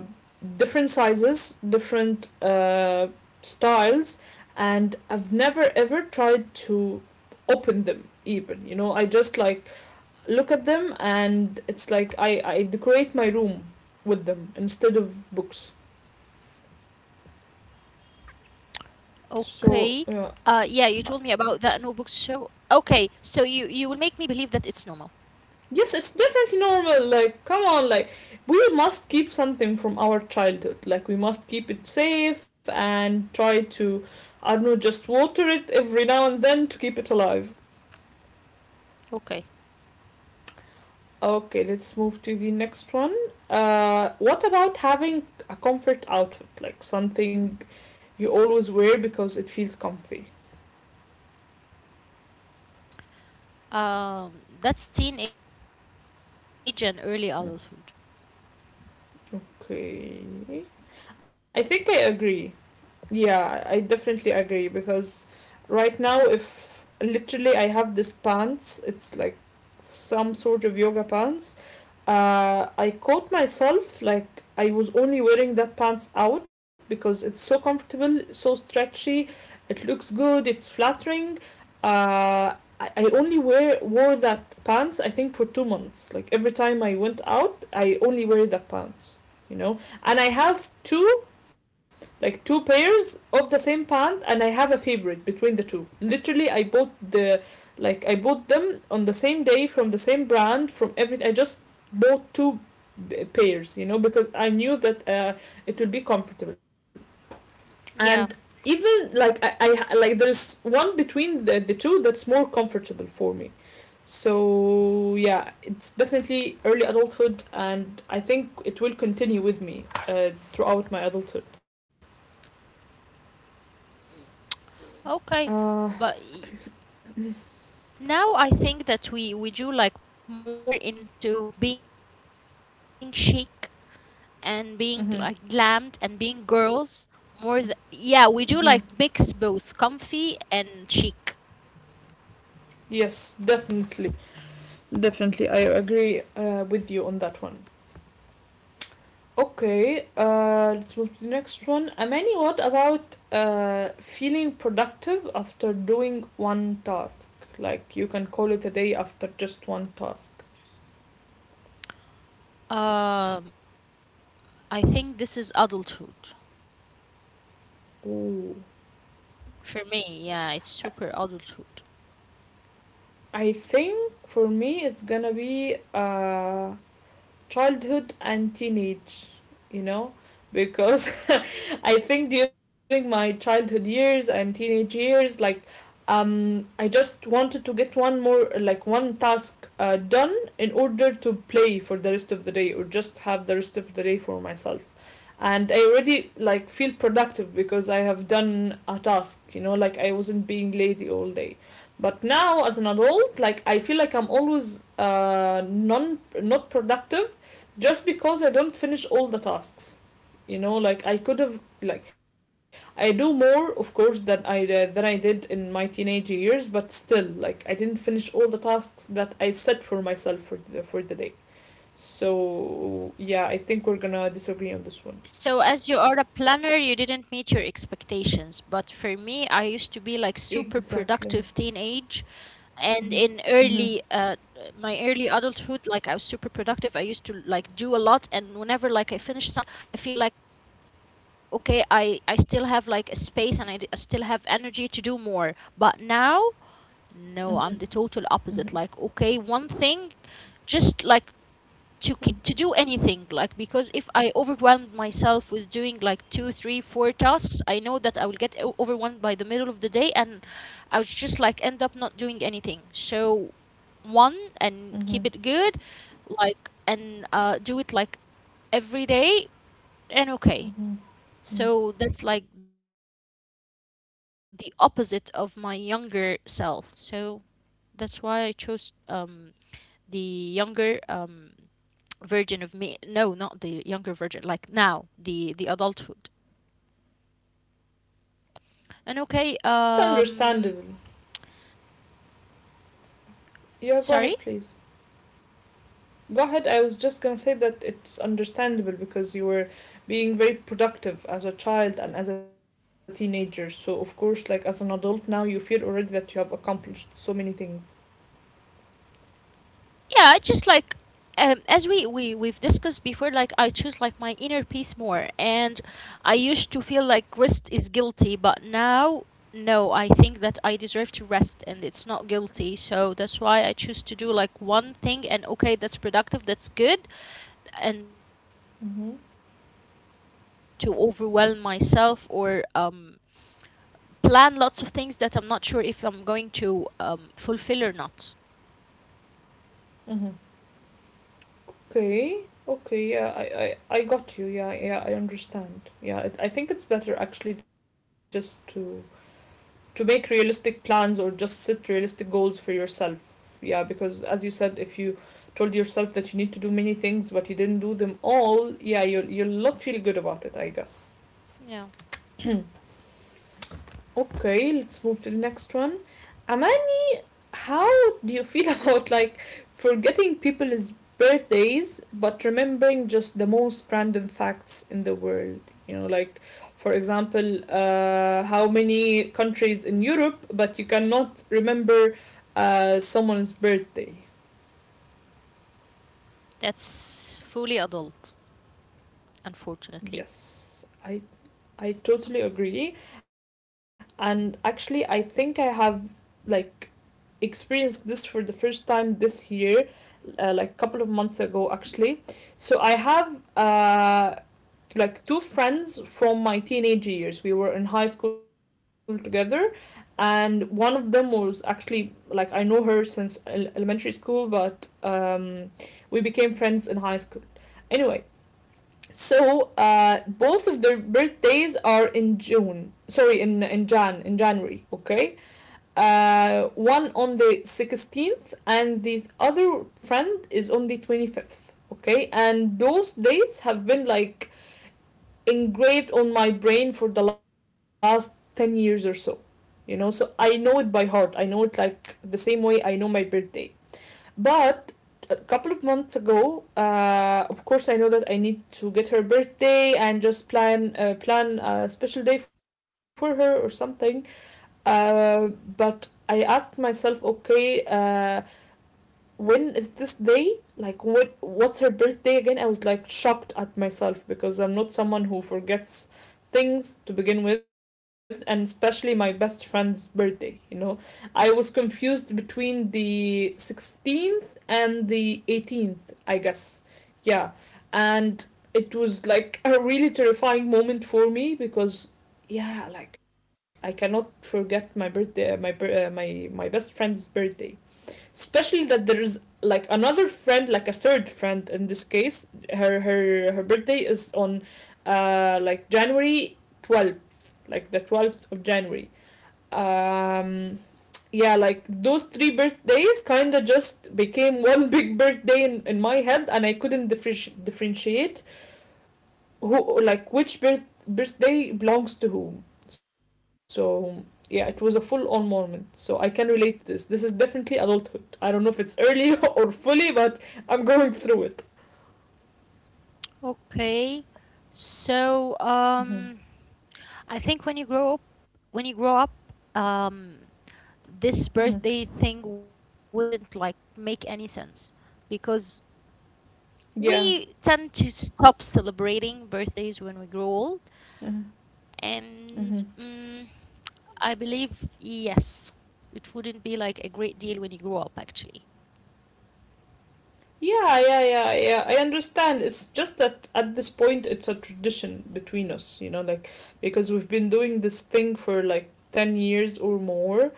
A: different sizes, different uh, styles, and I've never ever tried to open them even, you know, I just like look at them, and it's like i i decorate my room with them instead of books,
B: Okay. Uh,
A: so
B: yeah, you
A: yeah.
B: told me about that notebook show. Okay, so you you will make me believe that it's normal.
A: Yes, it's definitely normal. Like, come on, like, we must keep something from our childhood. Like, we must keep it safe and try to, I don't know, just water it every now and then to keep it alive.
B: Okay.
A: Okay, let's move to the next one. Uh, what about having a comfort outfit? Like, something you always wear because it feels comfy.
B: Um, that's teenage and early adulthood.
A: Okay. I think I agree. Yeah, I definitely agree because right now, if literally I have this pants, it's like some sort of yoga pants. Uh, I caught myself like I was only wearing that pants out because it's so comfortable, so stretchy, it looks good, it's flattering. Uh, I, I only wear wore that pants I think for two months. Like every time I went out, I only wear that pants, you know. And I
B: Hmm.
A: have two like two pairs of the same pant, and I have a favorite between the two. Literally I bought the like I bought them on the same day from the same brand. From every I just bought two uh, pairs, you know, because I knew that uh, it will be comfortable, and
B: Yeah.
A: even like I, I like there's one between the, the two that's more comfortable for me. So yeah, it's definitely early adulthood, and I think it will continue with me uh, throughout my adulthood.
B: Okay.
A: uh,
B: But y- now I think that we we do like more into being chic and being like glammed and
A: Mm-hmm.
B: being girls more th- yeah, we do like
A: Mm-hmm.
B: mix both comfy and chic.
A: Yes, definitely. Definitely, I agree uh, with you on that one. Okay, uh, let's move to the next one. Amani, what about uh, feeling productive after doing one task? Like you can call it a day after just one task.
B: Um, I think this is adulthood
A: Ooh.
B: for me. Yeah, it's
A: I-
B: super adulthood.
A: I think for me it's gonna be uh, childhood and teenage, you know, because I think during my childhood years and teenage years, like um, I just wanted to get one more like one task uh, done in order to play for the rest of the day or just have the rest of the day for myself, and I already like feel productive because I have done a task, you know, like I wasn't being lazy all day. But now as an adult, like I feel like I'm always uh non not productive just because I don't finish all the tasks. You know, like I could have like I do more of course than I uh, than I did in my teenage years, but still like I didn't finish all the tasks that I set for myself for the, for the day. So yeah, I
B: So,
A: think we're
B: as you
A: gonna
B: are a
A: disagree on
B: planner,
A: this
B: you
A: one.
B: didn't meet your expectations. But for me, I used to be like super productive teenage,
A: Exactly.
B: and in early uh,
A: Mhm.
B: my
A: Mhm.
B: early adulthood, like I was super productive. I used to like do a lot, and whenever like I finish something, I feel like okay, I I still have like a space, and I, d- I still have energy to do more. But now, no, I'm the total
A: Mhm.
B: opposite. Like okay,
A: Mhm.
B: one thing, just like to k- to do
A: Mhm.
B: anything, like because if I overwhelmed myself with doing like two three four tasks, I know that I will get o- overwhelmed by the middle of the day, and I would just like end up not doing anything. So one and keep it
A: Mhm.
B: good, like, and uh, do it like every day. And okay,
A: Mhm. Mhm.
B: so that's like the opposite of my younger self. So that's why I chose um the younger um version of me. No, not the younger version, like now the the adulthood. And okay,
A: Well, that's
B: um,
A: understandable. Yeah,
B: sorry.
A: go ahead, please. Go ahead. I was just gonna say that it's understandable because you were being very productive as a child and as a teenager. So, of course, like as an adult now, you feel already that you have accomplished so many things.
B: Yeah, just like um, as we, we we've discussed before, like I choose like my inner peace more, and I used to feel like rest is guilty, but now no, I think that I deserve to rest and it's not guilty. So that's why I choose to do like one thing and okay, that's productive, that's good, and we'll
A: Mm-hmm.
B: call it a day. I don't want to overwhelm myself or um, plan lots of things that I'm not sure if I'm going to um, fulfill or not.
A: Mm-hmm. Okay. Okay. Yeah, I, I, I got you. Yeah, yeah, I understand. Yeah, it, I think it's better actually just to to make realistic plans or just set realistic goals for yourself. Yeah, because as you said, if you told yourself that you need to do many things but you didn't do them all, yeah, you'll, you'll not feel good about it, I guess.
B: Yeah,
A: [clears throat] Okay, let's move to the next one. Amal, how do you feel [laughs] about like forgetting people's birthdays but remembering just the most random facts in the world? You know, like for example, uh, how many countries in Europe, but you cannot remember uh, someone's birthday.
B: that's fully adult, unfortunately.
A: Yes, I I totally agree, and actually I think I have like experienced this for the first time this year, uh, like a couple of months ago actually. So I have uh, like two friends from my teenage years. We were in high school together, and one of them was actually like I know her since elementary school, but um, we became friends in high school. Anyway, so uh, both of their birthdays are in June. Sorry, in in Jan in January. Okay, uh, one on the sixteenth and the other friend is on the twenty-fifth. Okay, and those dates have been like engraved on my brain for the last ten years or so. You know, so I know it by heart. I know it like the same way I know my birthday. But a couple of months ago, uh, of course, I know that I need to get her birthday and just plan uh, plan a special day for her or something. Uh, but I asked myself, okay, uh, when is this day like what what's her birthday again? I was like shocked at myself because I'm not someone who forgets things to begin with, and especially my best friend's birthday, you know. I was confused between the sixteenth and the eighteenth, I guess. Yeah. And it was like a really terrifying moment for me because yeah, like I cannot forget my birthday, my uh, my my best friend's birthday, especially that there's like another friend, like a third friend in this case. Her her her birthday is on uh like January twelfth, like the twelfth of January. um yeah, like those three birthdays kind of just became one [laughs] big birthday in, in my head, and I couldn't differenti- differentiate who, like which birth birthday belongs to whom. So yeah, it was a full on moment. So I can relate to this. This is definitely adulthood. I don't know if it's early [laughs] or fully, but I'm going through it.
B: Okay, so
A: Mm-hmm.
B: um, I think when you grow up, when you grow up, um,
A: Mm-hmm.
B: this birthday thing wouldn't like make any sense because
A: Yeah.
B: we tend to stop celebrating birthdays when we grow old.
A: Mm-hmm.
B: And
A: Mm-hmm.
B: mm, I believe, yes, it wouldn't be like a great deal when you grow up, actually.
A: Yeah, yeah, yeah, yeah. I understand. It's just that at this point, it's a tradition between us, you know, like because we've been doing this thing for like ten years or more.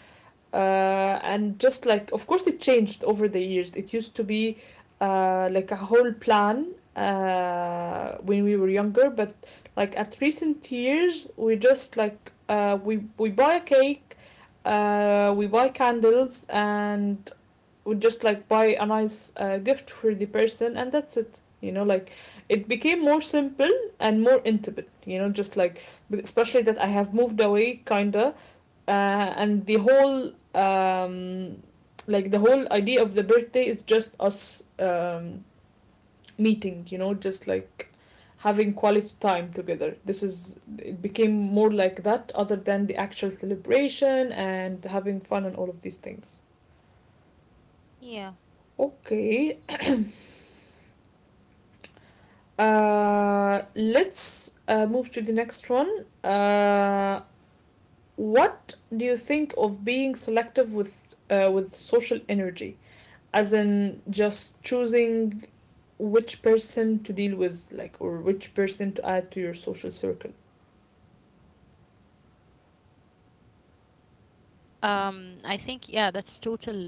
A: uh, and just like, of course, it changed over the years. It used to be uh, like a whole plan uh, when we were younger, but like at recent years we just like uh, we we buy a cake, uh, we buy candles, and would just like buy a nice uh, gift for the person, and that's it, you know. Like it became more simple and more intimate, you know, just like especially that I have moved away kinda. uh, and the whole um like the whole idea of the birthday is just us um meeting, you know, just like having quality time together. This is, it became more like that other than the actual celebration and having fun and all of these things.
B: Yeah.
A: Okay. Uh, let's uh, move to the next one. Uh, what do you think of being selective with uh, with social energy, as in just choosing which person to deal with, like, or which person to add to your social circle?
B: Um, I think, yeah, that's total, uh, totally full adulthood.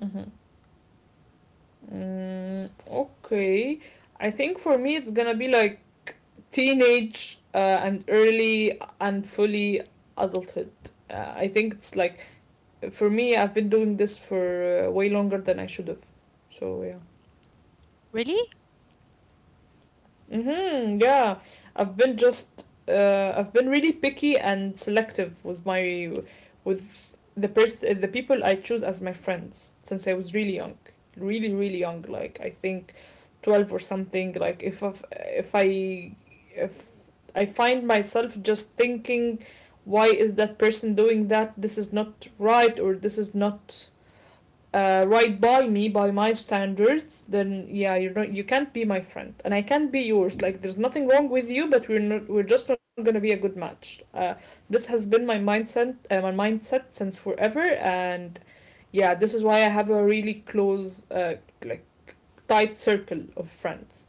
A: Mm-hmm. Mm, okay, I think for me it's gonna be like teenage uh, and early and fully adulthood. Uh, I think it's like for me, I've been doing this for uh, way longer than I should have. So yeah.
B: Really?
A: Mhm. Yeah. I've been just uh, I've been really picky and selective with my with the pers- the people I choose as my friends since I was really young. Really really young, like I think twelve or something. Like if I've, if I if I find myself just thinking, why is that person doing that? This is not right, or this is not uh, right by me, by my standards, then yeah, you do not you can't be my friend, and I can't be yours. Like there's nothing wrong with you, but we're not we're just not gonna be a good match. Uh, this has been my mindset uh, my mindset since forever, and yeah, this is why I have a really close uh, like tight circle of friends.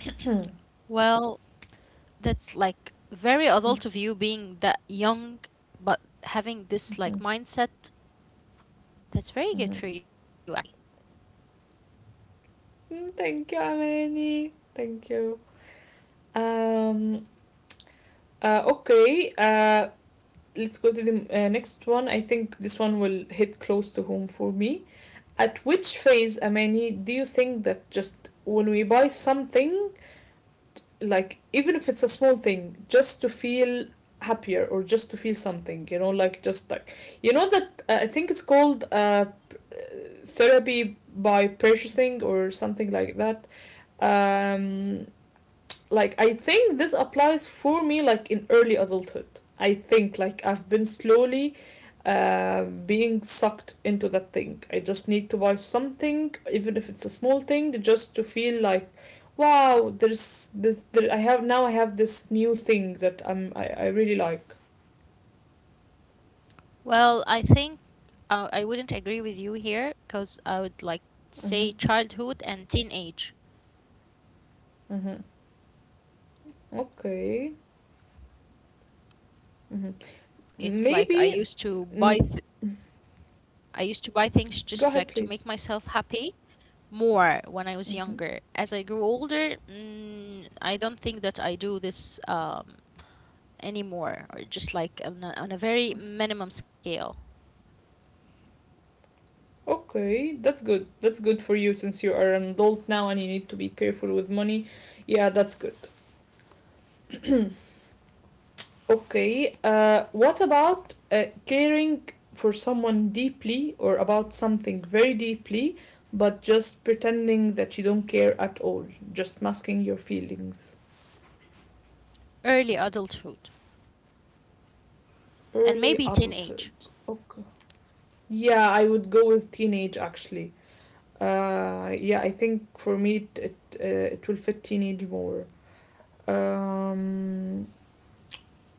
A: [clears throat]
B: Well, that's like very adult of you being that young, but having this like mindset. That's very
A: Mm,
B: good for you, actually.
A: thank you, Amani. Thank you. Um. Uh, okay. Uh, Let's go to the uh, next one. I think this one will hit close to home for me. At which phase, Amani, do you think that just when we buy something, like even if it's a small thing, just to feel happier or just to feel something, you know, like just like, you know, that uh, I think it's called uh, therapy by purchasing or something like that. Um, like I think this applies for me like in early adulthood. I think like I've been slowly uh, being sucked into that thing. I just need to buy something, even if it's a small thing, just to feel like, wow, there's this. There, I have now. I have this new thing that I'm. I, I really like.
B: Well, I think uh, I wouldn't agree with you here because I would like
A: Mm-hmm.
B: say childhood and teenage.
A: Mm-hmm. Okay. Mm-hmm.
B: It's like I used
A: Maybe.
B: to buy th
A: Mm,
B: I used to buy things just like
A: go
B: to
A: ahead,
B: make
A: please.
B: myself happy more when I was
A: Mm-hmm.
B: younger. As I grew older, mm, I don't think that I do this um, anymore, or just like on a, on a very minimum scale.
A: Okay, that's good. That's good for you since you are an adult now and you need to be careful with money. Yeah, that's good. Okay, uh, what about uh, caring for someone deeply or about something very deeply, but just pretending that you don't care at all, just masking your feelings?
B: Early adulthood and maybe
A: Early
B: teenage.
A: adulthood. Okay. Yeah, I would go with teenage actually. Uh, yeah, I think for me it it, uh, it will fit teenage more. Um,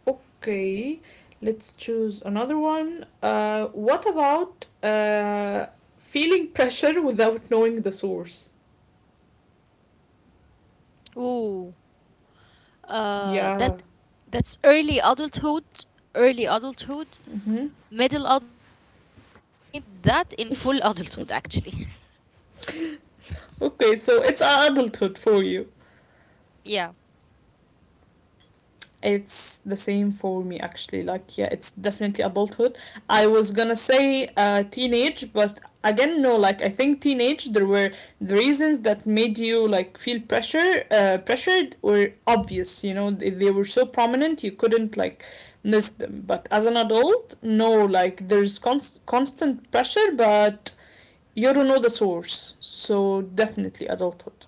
A: Okay, let's choose another one. Uh, what about uh, feeling pressure without knowing the source?
B: Ooh, uh, that that's early
A: Yeah.
B: adulthood, early adulthood, middle
A: Hmm.
B: adulthood, trying to avoid that in full adulthood actually.
A: Okay, so it's adulthood for you.
B: [laughs] Yeah.
A: It's the same for me actually. Like yeah, it's definitely adulthood. I was gonna say uh teenage, but again no. Like I think teenage, there were the reasons that made you like feel pressure uh pressured were obvious. You know, they, they were so prominent you couldn't like miss them. But as an adult, no. Like there's const- constant pressure, but you don't know the source. So definitely adulthood.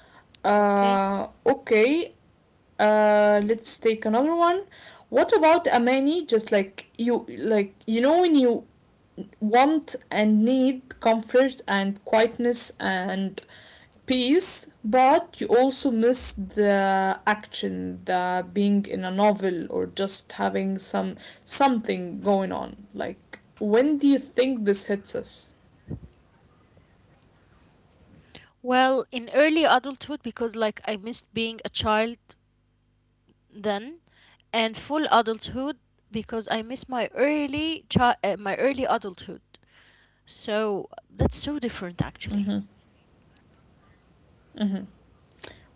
B: Okay.
A: Uh okay. Uh, Let's take another one. What about Amani? Just like you, like you know, when you want and need comfort and quietness and peace, but you also miss the action, the being in a novel or just having some something going on. Like, when do you think this hits us?
B: Well, in early adulthood, because like I missed being a child then, and full adulthood because I miss my early chi- uh, my early adulthood. So that's so different, actually.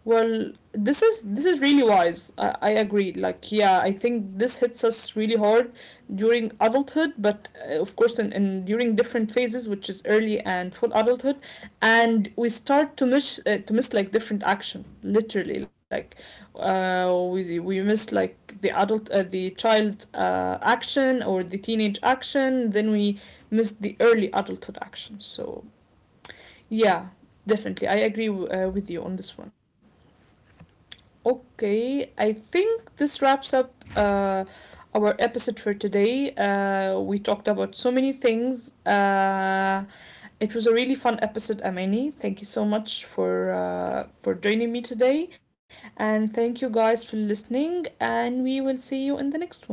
A: Well, this is this is really wise. I, I agree. Like, yeah, I think this hits us really hard during adulthood, but uh, of course, in, in during different phases, which is early and full adulthood, and we start to miss uh, to miss like different action, literally. Like, uh, we we miss like the adult, uh, the child uh, action or the teenage action. Then we miss the early adulthood action. So yeah, definitely, I agree w- uh, with you on this one. Okay, I think this wraps up uh, our episode for today. Uh, we talked about so many things. Uh, it was a really fun episode, Amani. Thank you so much for uh, for joining me today, and thank you guys for listening. And we will see you in the next one.